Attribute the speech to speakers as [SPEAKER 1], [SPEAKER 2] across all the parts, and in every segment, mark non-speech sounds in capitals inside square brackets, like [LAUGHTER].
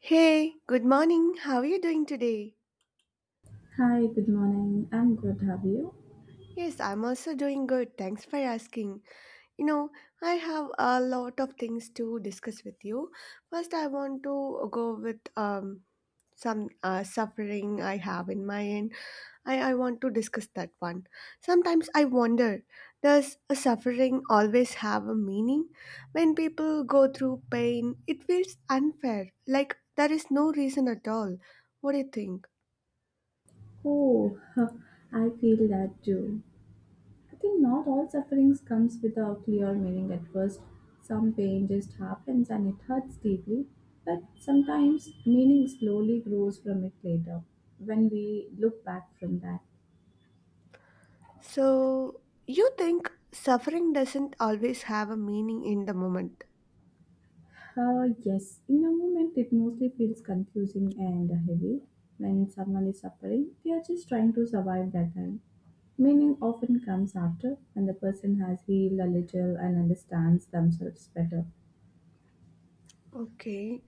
[SPEAKER 1] Hey, good morning. How are you doing today?
[SPEAKER 2] Hi, good morning. I'm good. Have you?
[SPEAKER 1] Yes, I'm also doing good. Thanks for asking. You know, I have a lot of things to discuss with you. First, I want to go with some suffering I have in my end. I want to discuss that one. Sometimes I wonder, does a suffering always have a meaning? When people go through pain, it feels unfair, like there is no reason at all. What do you think?
[SPEAKER 2] Oh, [LAUGHS] I feel that too. I think not all sufferings comes with a clear meaning at first. Some pain just happens and it hurts deeply, but sometimes meaning slowly grows from it later when we look back from that.
[SPEAKER 1] So, you think suffering doesn't always have a meaning in the moment?
[SPEAKER 2] Yes, in the moment it mostly feels confusing and heavy. When someone is suffering, they are just trying to survive that time. Meaning often comes after when the person has healed a little and understands themselves better.
[SPEAKER 1] Okay,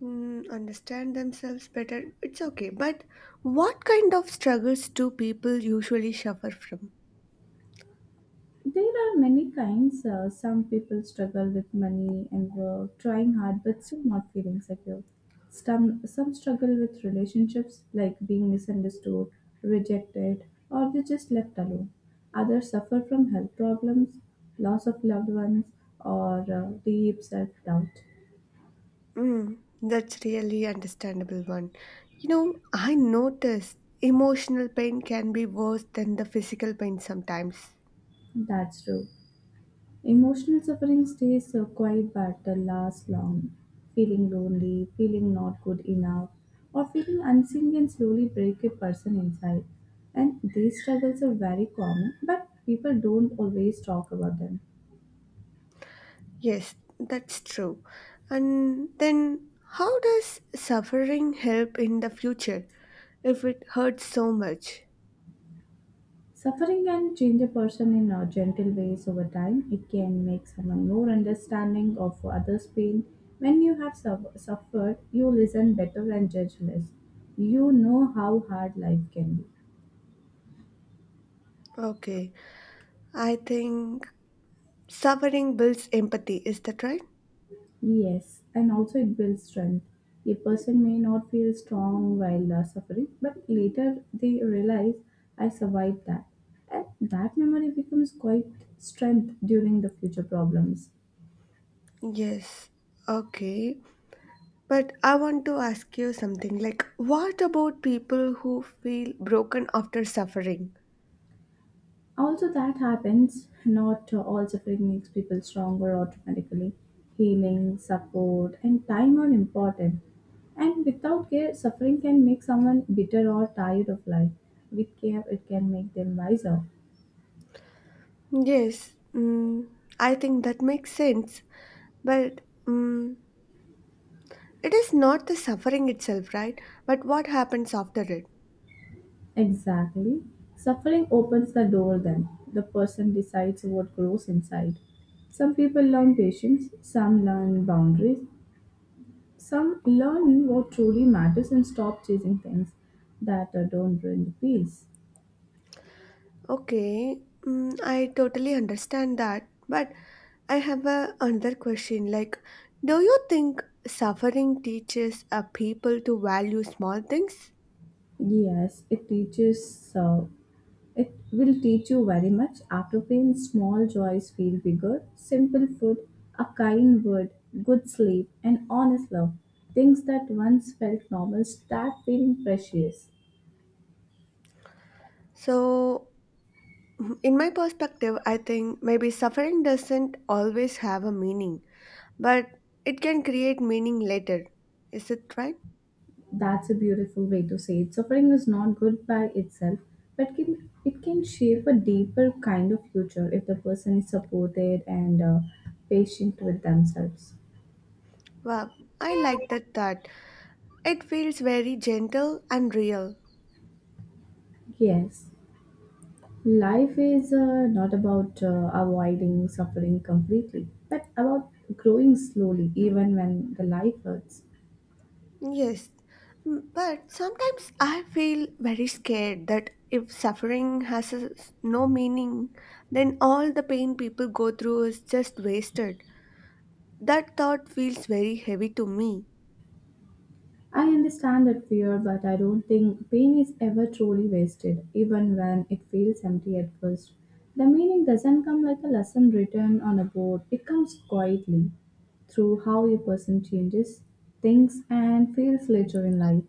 [SPEAKER 1] understand themselves better. It's okay. But what kind of struggles do people usually suffer from?
[SPEAKER 2] There are many kinds. Some people struggle with money and work, trying hard but still not feeling secure. Some struggle with relationships, like being misunderstood, rejected, or they just left alone. Others suffer from health problems, loss of loved ones, or deep self doubt.
[SPEAKER 1] Mm, that's really understandable one. You know, I noticed emotional pain can be worse than the physical pain sometimes.
[SPEAKER 2] That's true. Emotional suffering stays so quiet but lasts long. Feeling lonely, feeling not good enough, or feeling unseen can slowly break a person inside. And these struggles are very common, but people don't always talk about them.
[SPEAKER 1] Yes, that's true. And then how does suffering help in the future? If it hurts so much.
[SPEAKER 2] Suffering can change a person in gentle ways over time. It can make someone more understanding of others' pain. When you have suffered, you listen better and judge less. You know how hard life can be.
[SPEAKER 1] Okay. I think suffering builds empathy. Is that right?
[SPEAKER 2] Yes, and also it builds strength. A person may not feel strong while suffering, but later they realize I survived that. And that memory becomes quite strength during the future problems.
[SPEAKER 1] Yes. Okay. But I want to ask you something like, what about people who feel broken after suffering?
[SPEAKER 2] Also, that happens. Not all suffering makes people stronger automatically. Healing, support, and time are important. And without care, suffering can make someone bitter or tired of life. With care, it can make them wiser.
[SPEAKER 1] Yes. Mm, I think that makes sense. But mm, it is not the suffering itself, right? But what happens after it?
[SPEAKER 2] Exactly. Suffering opens the door then. The person decides what grows inside. Some people learn patience, some learn boundaries, some learn what truly matters and stop chasing things that don't bring peace.
[SPEAKER 1] Okay, I totally understand that, but I have another question. Like, do you think suffering teaches a people to value small things?
[SPEAKER 2] Yes, it teaches, it will teach you very much. After pain, small joys feel bigger. Simple food, a kind word, good sleep, and honest love. Things that once felt normal start feeling precious.
[SPEAKER 1] So, [LAUGHS] in my perspective, I think maybe suffering doesn't always have a meaning, but it can create meaning later. Is it right?
[SPEAKER 2] That's a beautiful way to say it. Suffering is not good by itself, but can it can shape a deeper kind of future if the person is supported and patient with themselves.
[SPEAKER 1] Wow, I like that thought. It feels very gentle and real.
[SPEAKER 2] Yes, life is not about avoiding suffering completely, but about growing slowly, even when the life hurts.
[SPEAKER 1] Yes, but sometimes I feel very scared that if suffering has no meaning, then all the pain people go through is just wasted. That thought feels very heavy to me.
[SPEAKER 2] I understand that fear, but I don't think pain is ever truly wasted, even when it feels empty at first. The meaning doesn't come like a lesson written on a board, it comes quietly through how a person changes, thinks, and feels later in life.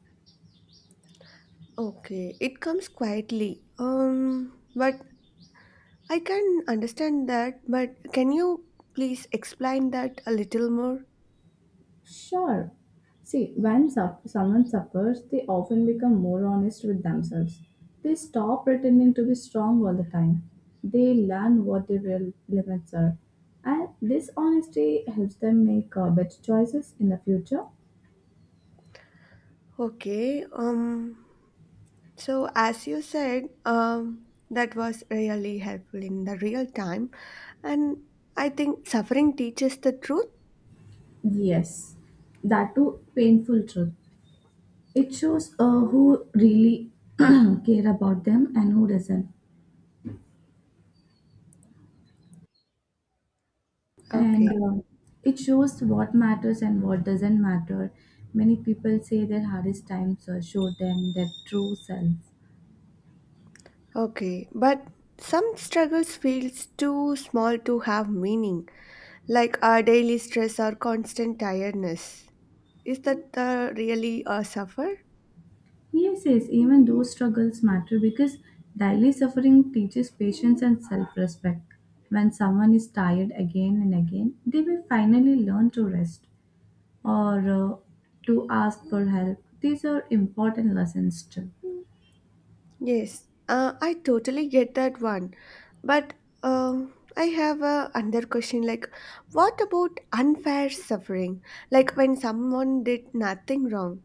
[SPEAKER 1] Okay, it comes quietly. But I can understand that, but can you please explain that a little more?
[SPEAKER 2] Sure. See, when suff someone suffers, they often become more honest with themselves. They stop pretending to be strong all the time. They learn what their real limits are. And this honesty helps them make better choices in the future.
[SPEAKER 1] Okay, so, as you said, that was really helpful in the real time. And I think suffering teaches the truth.
[SPEAKER 2] Yes, that too painful truth. It shows who really [CLEARS THROAT] care about them and who doesn't. And
[SPEAKER 1] Okay,
[SPEAKER 2] It shows what matters and what doesn't matter. Many people say their hardest times show them their true self.
[SPEAKER 1] okay. But some struggles feels too small to have meaning, like our daily stress or constant tiredness. Is that the really a suffer?
[SPEAKER 2] Yes, yes, even those struggles matter because daily suffering teaches patience and self respect. When someone is tired again and again, they will finally learn to rest or to ask for help. These are important lessons too.
[SPEAKER 1] Yes, I totally get that one. But I have a under question like, what about unfair suffering? Like when someone did nothing wrong.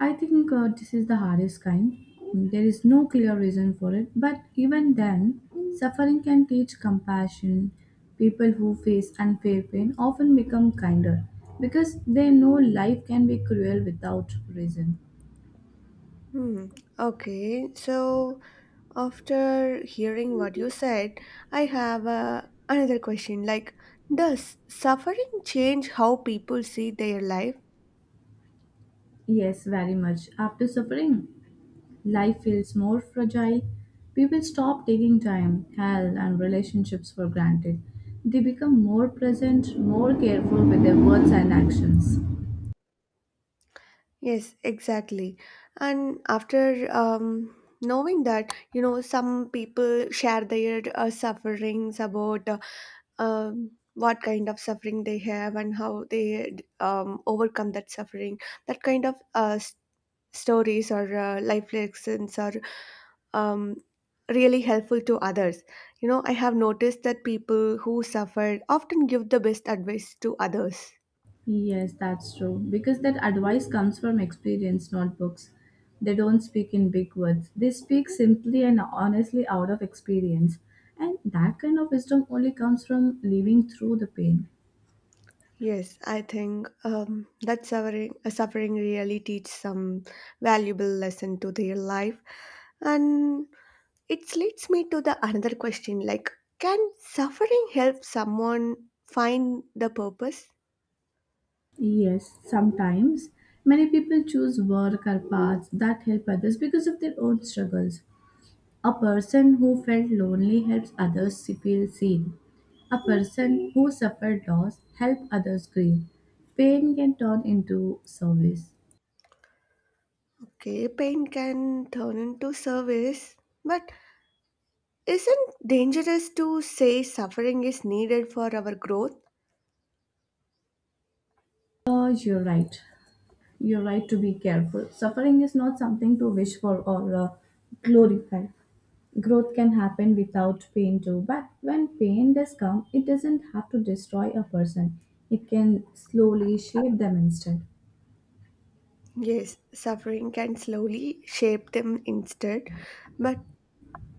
[SPEAKER 2] I think this is the hardest kind. There is no clear reason for it, but even then, suffering can teach compassion. People who face unfair pain often become kinder because they know life can be cruel without reason.
[SPEAKER 1] Hmm. Okay. So after hearing what you said, I have another question like, does suffering change how people see their life?
[SPEAKER 2] Yes, very much. After suffering, life feels more fragile. People stop taking time, health, and relationships for granted. They become more present, more careful with their words and actions.
[SPEAKER 1] Yes, exactly. And after knowing that, you know, some people share their sufferings about what kind of suffering they have and how they overcome that suffering, that kind of stories or life lessons are um, really helpful to others. You know, I have noticed that people who suffer often give the best advice to others.
[SPEAKER 2] Yes, that's true. Because that advice comes from experience, not books. They don't speak in big words. They speak simply and honestly out of experience. And that kind of wisdom only comes from living through the pain.
[SPEAKER 1] Yes, I think that suffering really teaches some valuable lesson to their life, and it leads me to the another question: like, can suffering help someone find the purpose?
[SPEAKER 2] Yes, sometimes many people choose work or paths that help others because of their own struggles. A person who felt lonely helps others feel seen. A person who suffered loss helps others grieve. Pain can turn into service.
[SPEAKER 1] Okay, pain can turn into service, but isn't dangerous to say suffering is needed for our growth?
[SPEAKER 2] You're right. You're right to be careful. Suffering is not something to wish for or glorify. Growth can happen without pain too, but when pain does come, it doesn't have to destroy a person. It can slowly shape them instead.
[SPEAKER 1] Yes, suffering can slowly shape them instead, but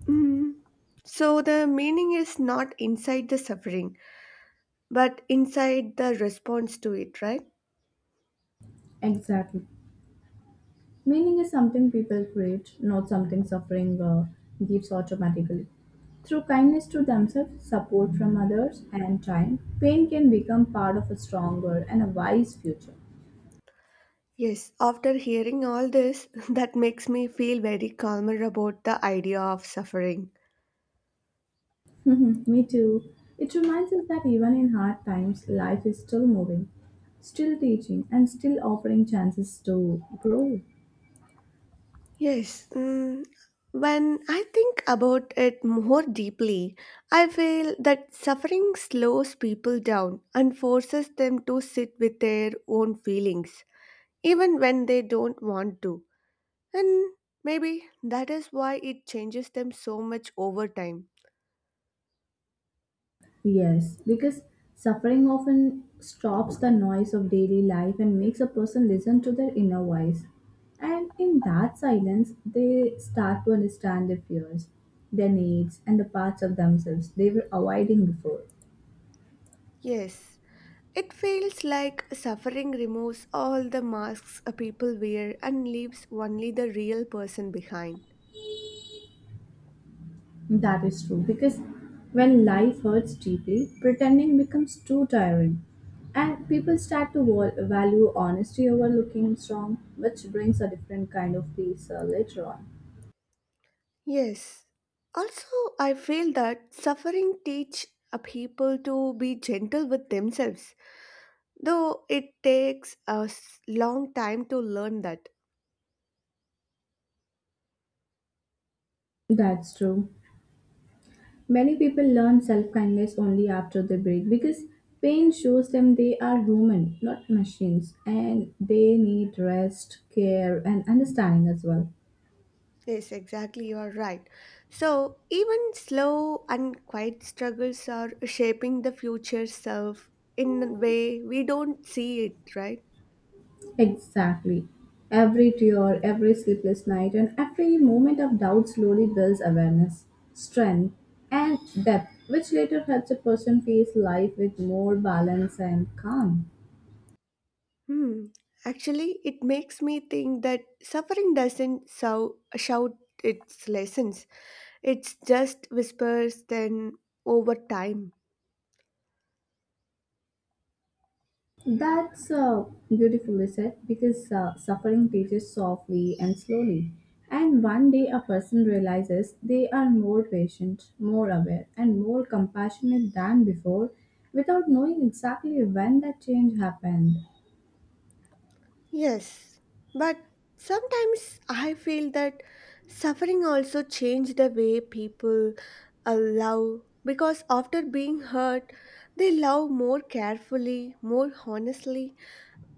[SPEAKER 1] mm. So the meaning is not inside the suffering, but inside the response to it, right?
[SPEAKER 2] Exactly. Meaning is something people create, not something suffering gives automatically. Through kindness to themselves, support from others, and time, pain can become part of a stronger and a wise future.
[SPEAKER 1] Yes, after hearing all this, [LAUGHS] that makes me feel very calmer about the idea of suffering.
[SPEAKER 2] Mhm, me too. It reminds us that even in hard times, life is still moving, still teaching, and still offering chances to grow.
[SPEAKER 1] Yes, when I think about it more deeply, I feel that suffering slows people down and forces them to sit with their own feelings, even when they don't want to. And maybe that is why it changes them so much over time.
[SPEAKER 2] Yes, because suffering often stops the noise of daily life and makes a person listen to their inner voice. And in that silence, they start to understand their fears, their needs, and the parts of themselves they were avoiding before.
[SPEAKER 1] Yes, it feels like suffering removes all the masks a people wear and leaves only the real person behind.
[SPEAKER 2] That is true because when life hurts deeply, pretending becomes too tiring, and people start to value honesty over looking strong, which brings a different kind of peace later on.
[SPEAKER 1] Yes. Also, I feel that suffering teach a people to be gentle with themselves, though it takes long time to learn that.
[SPEAKER 2] That's true. Many people learn self kindness only after they break because pain shows them they are human, not machines, and they need rest, care, and understanding as well.
[SPEAKER 1] Yes, exactly, you are right. So, even slow and quiet struggles are shaping the future self in a way we don't see it, right?
[SPEAKER 2] Exactly. Every tear, every sleepless night, and every moment of doubt slowly builds awareness, strength, and depth, which later helps a person face life with more balance and calm.
[SPEAKER 1] Hmm. Actually, it makes me think that suffering doesn't shout its lessons, it's just whispers then over time.
[SPEAKER 2] That's beautifully said because suffering teaches softly and slowly. And one day a person realizes they are more patient, more aware, and more compassionate than before without knowing exactly when that change happened.
[SPEAKER 1] Yes, but sometimes I feel that suffering also changed the way people love because after being hurt, they love more carefully, more honestly,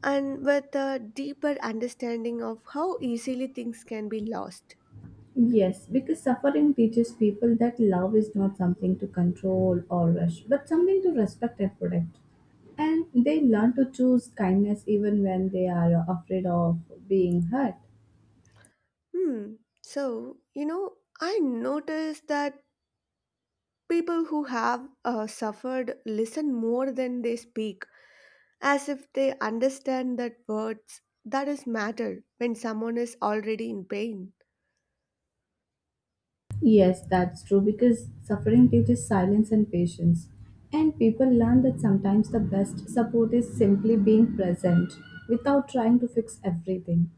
[SPEAKER 1] and with a deeper understanding of how easily things can be lost.
[SPEAKER 2] Yes, because suffering teaches people that love is not something to control or rush, but something to respect and protect. And they learn to choose kindness even when they are afraid of being hurt.
[SPEAKER 1] Hmm. So, you know, I noticed that people who have suffered listen more than they speak as if they understand that words that is matter when someone is already in pain.
[SPEAKER 2] Yes, that's true because suffering teaches silence and patience. And people learn that sometimes the best support is simply being present without trying to fix everything.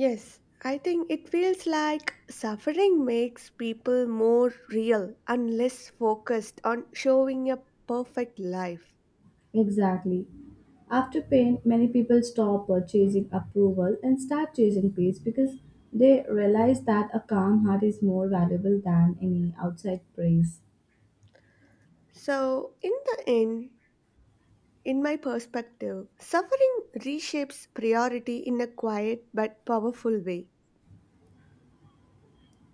[SPEAKER 1] Yes, I think it feels like suffering makes people more real and less focused on showing a perfect life.
[SPEAKER 2] Exactly. After pain, many people stop chasing approval and start chasing peace because they realize that a calm heart is more valuable than any outside praise.
[SPEAKER 1] So in the end, in my perspective, suffering reshapes priority in a quiet but powerful way.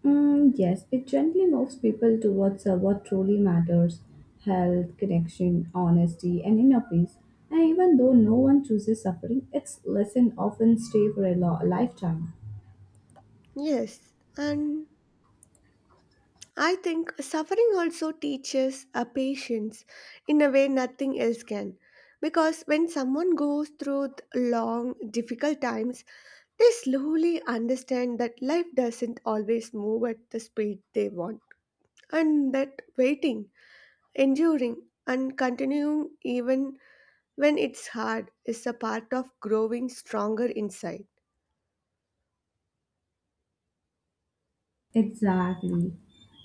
[SPEAKER 2] Mm, yes, it gently moves people towards what truly matters health, connection, honesty, and inner peace. And even though no one chooses suffering, its lesson often stay for a lifetime.
[SPEAKER 1] Yes, and I think suffering also teaches a patience in a way nothing else can. Because when someone goes through long, difficult times, they slowly understand that life doesn't always move at the speed they want. And that waiting, enduring, and continuing even when it's hard is a part of growing stronger inside.
[SPEAKER 2] Exactly.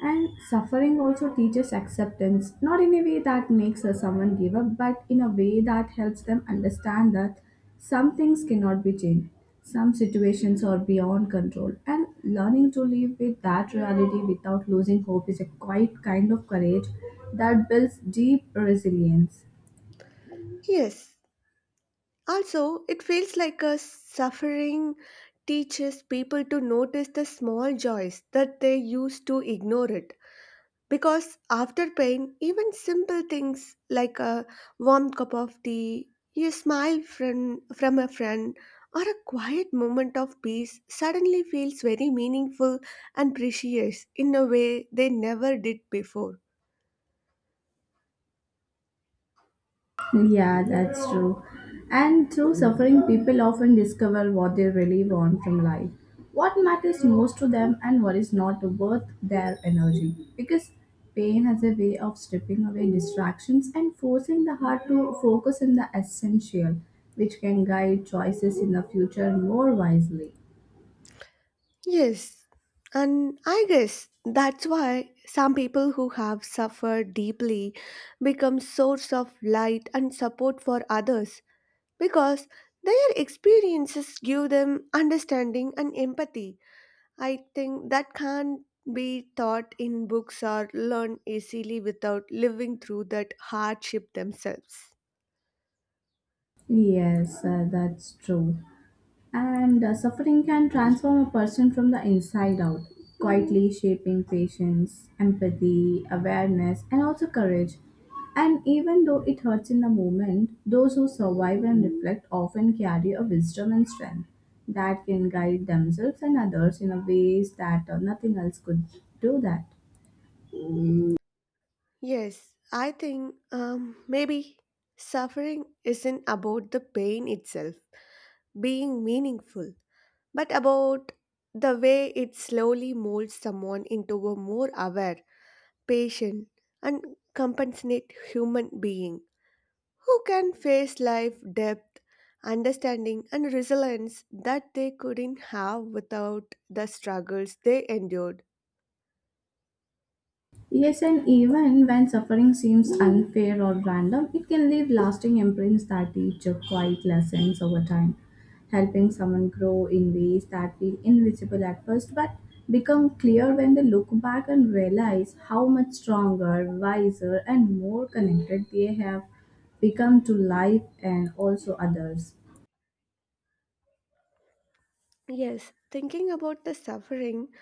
[SPEAKER 2] And suffering also teaches acceptance, not in a way that makes a someone give up, but in a way that helps them understand that some things cannot be changed, some situations are beyond control, and learning to live with that reality without losing hope is a quite kind of courage that builds deep resilience.
[SPEAKER 1] Yes, also, it feels like a suffering teaches people to notice the small joys that they used to ignore it. Because after pain, even simple things like a warm cup of tea, a smile from a friend, or a quiet moment of peace suddenly feels very meaningful and precious in a way they never did before.
[SPEAKER 2] Yeah, that's true. And through suffering, people often discover what they really want from life, what matters most to them, and what is not worth their energy. Because pain has a way of stripping away distractions and forcing the heart to focus on the essential, which can guide choices in the future more wisely.
[SPEAKER 1] Yes, and I guess that's why some people who have suffered deeply become source of light and support for others because their experiences give them understanding and empathy. I think that can't be taught in books or learned easily without living through that hardship themselves.
[SPEAKER 2] Yes, that's true. And suffering can transform a person from the inside out, quietly shaping patience, empathy, awareness, and also courage. And even though it hurts in the moment, those who survive and reflect often carry a wisdom and strength that can guide themselves and others in a ways that nothing else could do that.
[SPEAKER 1] Yes, I think maybe suffering isn't about the pain itself being meaningful, but about the way it slowly molds someone into a more aware, patient, and compassionate human being who can face life depth, understanding, and resilience that they couldn't have without the struggles they endured.
[SPEAKER 2] Yes, and even when suffering seems unfair or random, it can leave lasting imprints that teach quiet lessons over time, helping someone grow in ways that feel invisible at first but become clear when they look back and realize how much stronger, wiser, and more connected they have become to life and also others.
[SPEAKER 1] Yes, thinking about the suffering,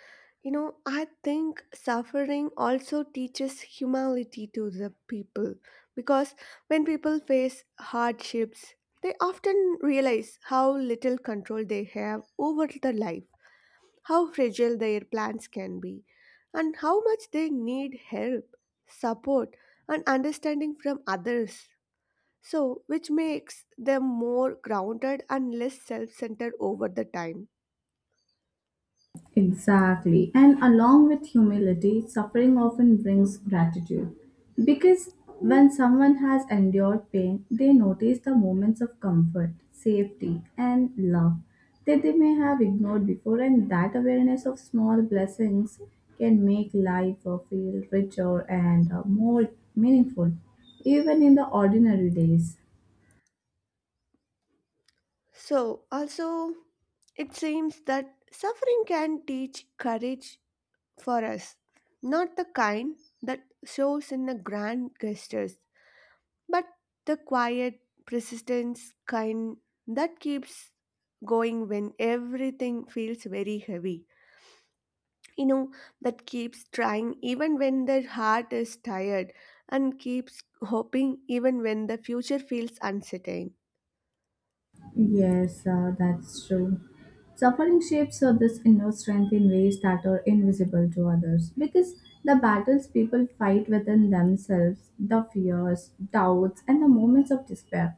[SPEAKER 1] you know, I think suffering also teaches humility to the people because when people face hardships, they often realize how little control they have over their life, how fragile their plans can be, and how much they need help, support, and understanding from others. So, which makes them more grounded and less self centered over the time.
[SPEAKER 2] Exactly. And along with humility, suffering often brings gratitude. Because when someone has endured pain, they notice the moments of comfort, safety, and love that they may have ignored before, and that awareness of small blessings can make life feel richer and more meaningful, even in the ordinary days.
[SPEAKER 1] So, also, it seems that suffering can teach courage for us, not the kind that shows in the grand gestures, but the quiet, persistence kind that keeps going when everything feels very heavy. You know, that keeps trying even when the heart is tired and keeps hoping even when the future feels uncertain.
[SPEAKER 2] Yes, that's true. Suffering shapes this inner strength in ways that are invisible to others because the battles people fight within themselves, the fears, doubts, and the moments of despair,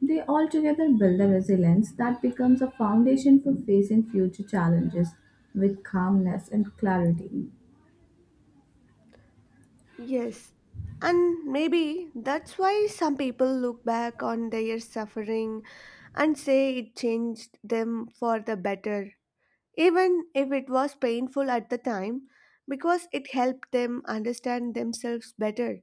[SPEAKER 2] they all together build a resilience that becomes a foundation for facing future challenges with calmness and clarity.
[SPEAKER 1] Yes, and maybe that's why some people look back on their suffering and say it changed them for the better, even if it was painful at the time, because it helped them understand themselves better,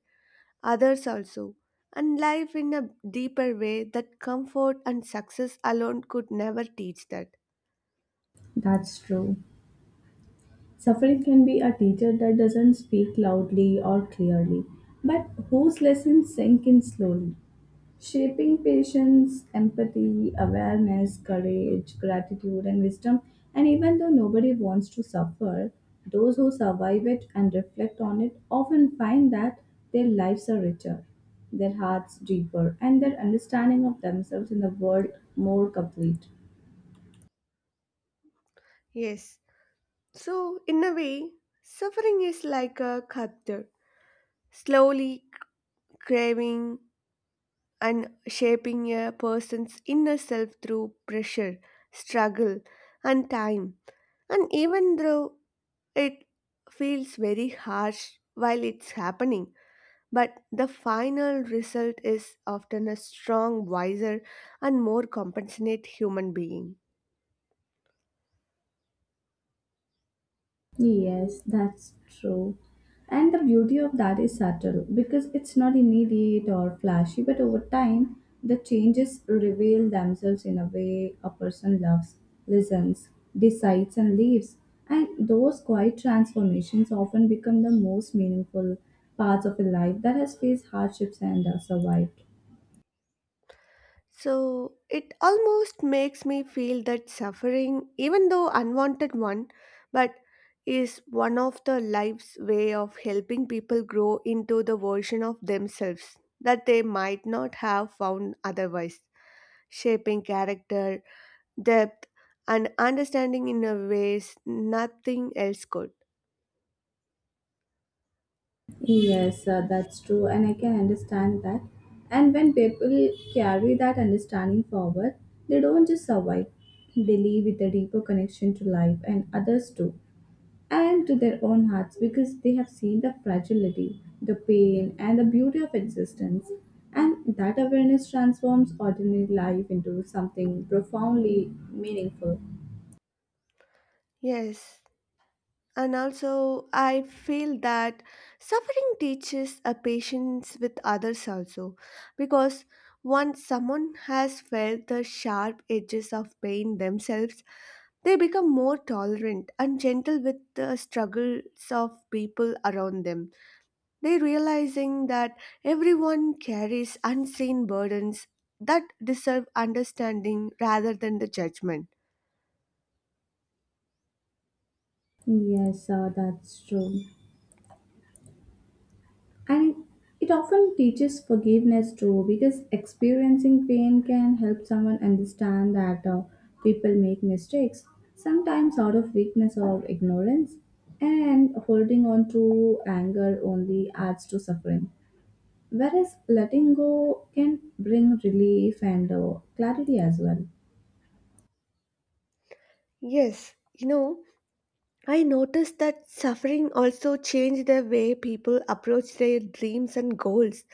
[SPEAKER 1] others also, and life in a deeper way that comfort and success alone could never teach that.
[SPEAKER 2] That's true. Suffering can be a teacher that doesn't speak loudly or clearly, but whose lessons sink in slowly, shaping patience, empathy, awareness, courage, gratitude, and wisdom. And even though nobody wants to suffer, those who survive it and reflect on it often find that their lives are richer, their hearts deeper, and their understanding of themselves in the world more complete.
[SPEAKER 1] Yes, so in a way, suffering is like a chapter, slowly craving and shaping a person's inner self through pressure, struggle, and time. And even though it feels very harsh while it's happening, but the final result is often a strong, wiser, and more compassionate human being.
[SPEAKER 2] Yes, that's true. And the beauty of that is subtle because it's not immediate or flashy, but over time, the changes reveal themselves in a way a person loves, listens, decides, and leaves. And those quiet transformations often become the most meaningful parts of a life that has faced hardships and survived.
[SPEAKER 1] So it almost makes me feel that suffering, even though unwanted one, but is one of the life's way of helping people grow into the version of themselves that they might not have found otherwise, shaping character, depth, and understanding in a ways nothing else could.
[SPEAKER 2] Yes, that's true, and I can understand that. And when people carry that understanding forward, they don't just survive, they live with a deeper connection to life and others too, and to their own hearts because they have seen the fragility, the pain, and the beauty of existence. And that awareness transforms ordinary life into something profoundly meaningful.
[SPEAKER 1] Yes. And also, I feel that suffering teaches a patience with others also, because once someone has felt the sharp edges of pain themselves, they become more tolerant and gentle with the struggles of people around them. They realizing that everyone carries unseen burdens that deserve understanding rather than the judgment.
[SPEAKER 2] Yes, that's true. And it often teaches forgiveness too, because experiencing pain can help someone understand that people make mistakes, sometimes out of weakness or ignorance, and holding on to anger only adds to suffering. Whereas letting go can bring relief and clarity as well.
[SPEAKER 1] Yes, you know, I noticed that suffering also changed the way people approach their dreams and goals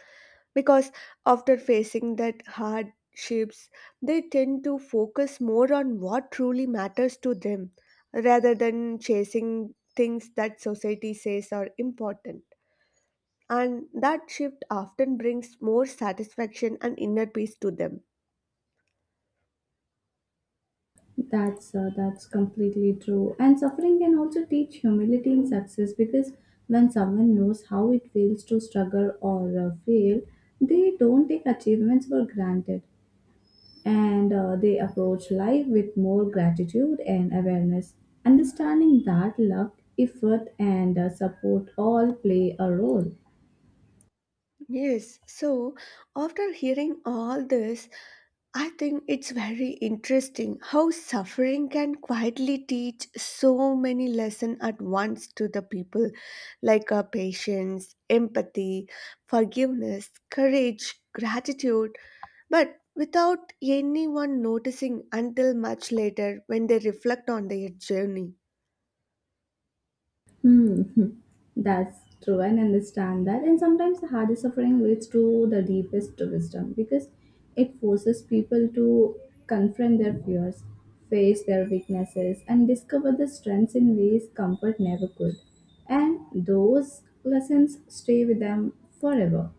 [SPEAKER 1] because after facing that hardships, they tend to focus more on what truly matters to them rather than chasing things that society says are important. And that shift often brings more satisfaction and inner peace to them.
[SPEAKER 2] That's completely true. And suffering can also teach humility in success because when someone knows how it feels to struggle or fail, they don't take achievements for granted, and they approach life with more gratitude and awareness, understanding that luck, effort, and support all play a role.
[SPEAKER 1] Yes, so after hearing all this, I think it's very interesting how suffering can quietly teach so many lessons at once to the people, like patience, empathy, forgiveness, courage, gratitude, but without anyone noticing until much later when they reflect on their journey.
[SPEAKER 2] Hmm. [LAUGHS] That's true. I understand that. And sometimes the hardest suffering leads to the deepest wisdom because it forces people to confront their fears, face their weaknesses, and discover the strengths in ways comfort never could. And those lessons stay with them forever.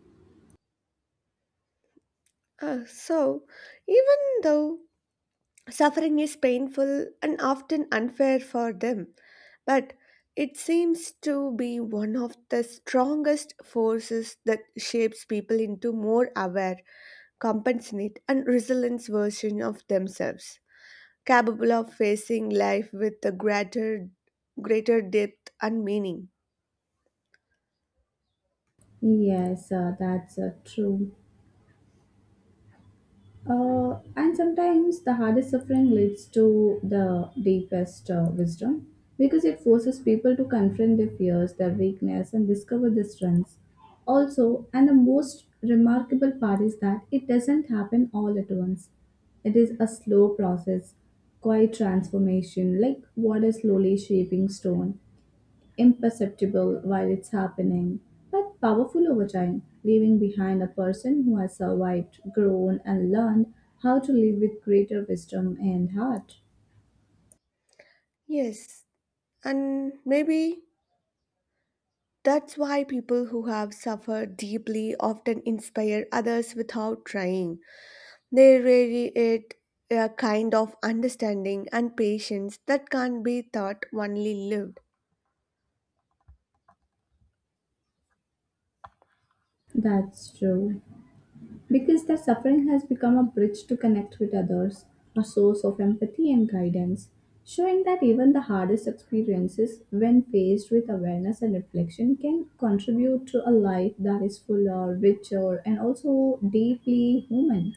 [SPEAKER 1] So, even though suffering is painful and often unfair for them, but it seems to be one of the strongest forces that shapes people into more aware, compassionate, and resilient version of themselves, capable of facing life with a greater depth and meaning.
[SPEAKER 2] Yes, that's true. And sometimes the hardest suffering leads to the deepest wisdom because it forces people to confront their fears, their weakness, and discover their strengths. Also, and the most remarkable part is that it doesn't happen all at once. It is a slow process, quiet transformation, like water slowly shaping stone, imperceptible while it's happening, but powerful over time, leaving behind a person who has survived, grown, and learned how to live with greater wisdom and heart.
[SPEAKER 1] Yes, and maybe that's why people who have suffered deeply often inspire others without trying. They radiate a kind of understanding and patience that can't be taught, only lived.
[SPEAKER 2] That's true. Because their suffering has become a bridge to connect with others, a source of empathy and guidance, showing that even the hardest experiences, when faced with awareness and reflection, can contribute to a life that is fuller, richer, and also deeply human.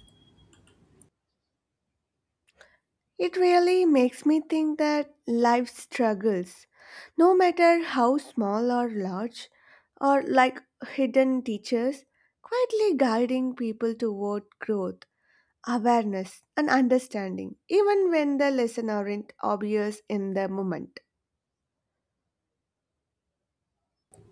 [SPEAKER 1] It really makes me think that life's struggles, no matter how small or large, are like hidden teachers, quietly guiding people toward growth, awareness, and understanding, even when the lessons aren't obvious in the moment.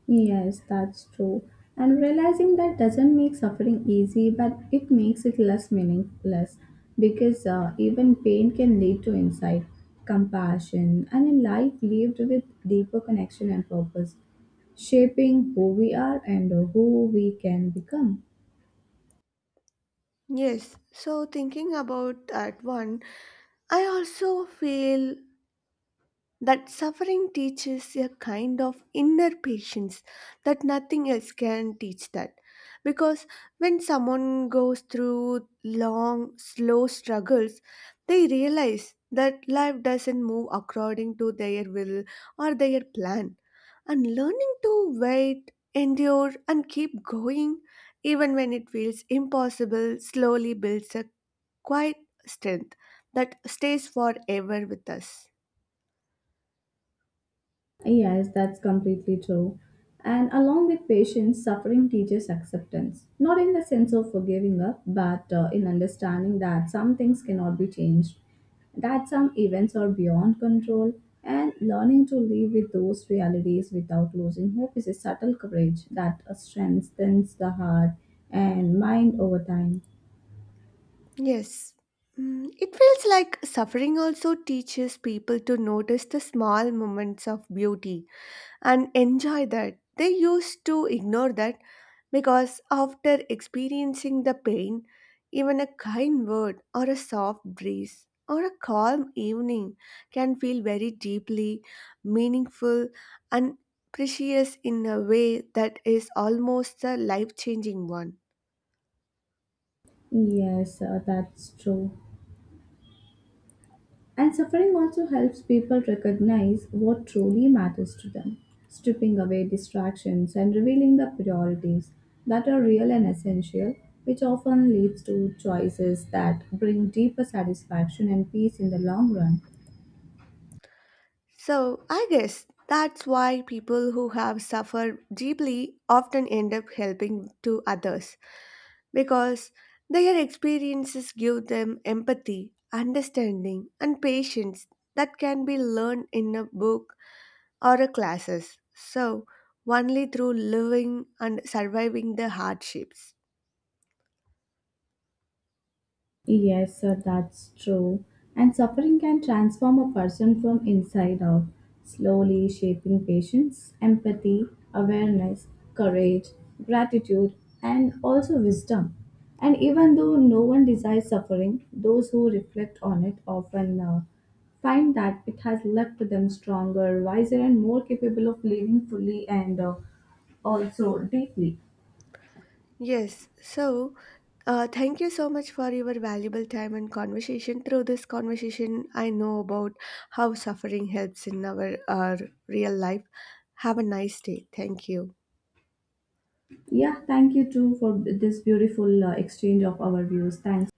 [SPEAKER 2] Yes, that's true. And realizing that doesn't make suffering easy, but it makes it less meaningless because even pain can lead to insight, compassion, and a life lived with deeper connection and purpose, shaping who we are and who we can become.
[SPEAKER 1] Yes, so thinking about that one, I also feel that suffering teaches a kind of inner patience that nothing else can teach that. Because when someone goes through long, slow struggles, they realize that life doesn't move according to their will or their plan. And learning to wait, endure, and keep going, even when it feels impossible, slowly builds a quiet strength that stays forever with us.
[SPEAKER 2] Yes, that's completely true. And along with patience, suffering teaches acceptance. Not in the sense of forgiving up, but in understanding that some things cannot be changed, that some events are beyond control, and learning to live with those realities without losing hope is a subtle courage that strengthens the heart and mind over time.
[SPEAKER 1] Yes. Mm, it feels like suffering also teaches people to notice the small moments of beauty and enjoy that. They used to ignore that because after experiencing the pain, even a kind word or a soft breeze or a calm evening can feel very deeply meaningful and precious in a way that is almost a life changing one.
[SPEAKER 2] Yes, that's true. And suffering also helps people recognize what truly matters to them, stripping away distractions and revealing the priorities that are real and essential, which often leads to choices that bring deeper satisfaction and peace in the long run.
[SPEAKER 1] So, I guess that's why people who have suffered deeply often end up helping to others because their experiences give them empathy, understanding, and patience that can be learned in a book or a classes. So, only through living and surviving the hardships.
[SPEAKER 2] Yes, sir, that's true. And suffering can transform a person from inside out, slowly shaping patience, empathy, awareness, courage, gratitude, and also wisdom. And even though no one desires suffering, those who reflect on it often find that it has left them stronger, wiser, and more capable of living fully and also deeply.
[SPEAKER 1] Yes. So, thank you so much for your valuable time and conversation. Through this conversation, I know about how suffering helps in our real life. Have a nice day. Thank you.
[SPEAKER 2] Yeah, thank you too for this beautiful exchange of our views. Thanks.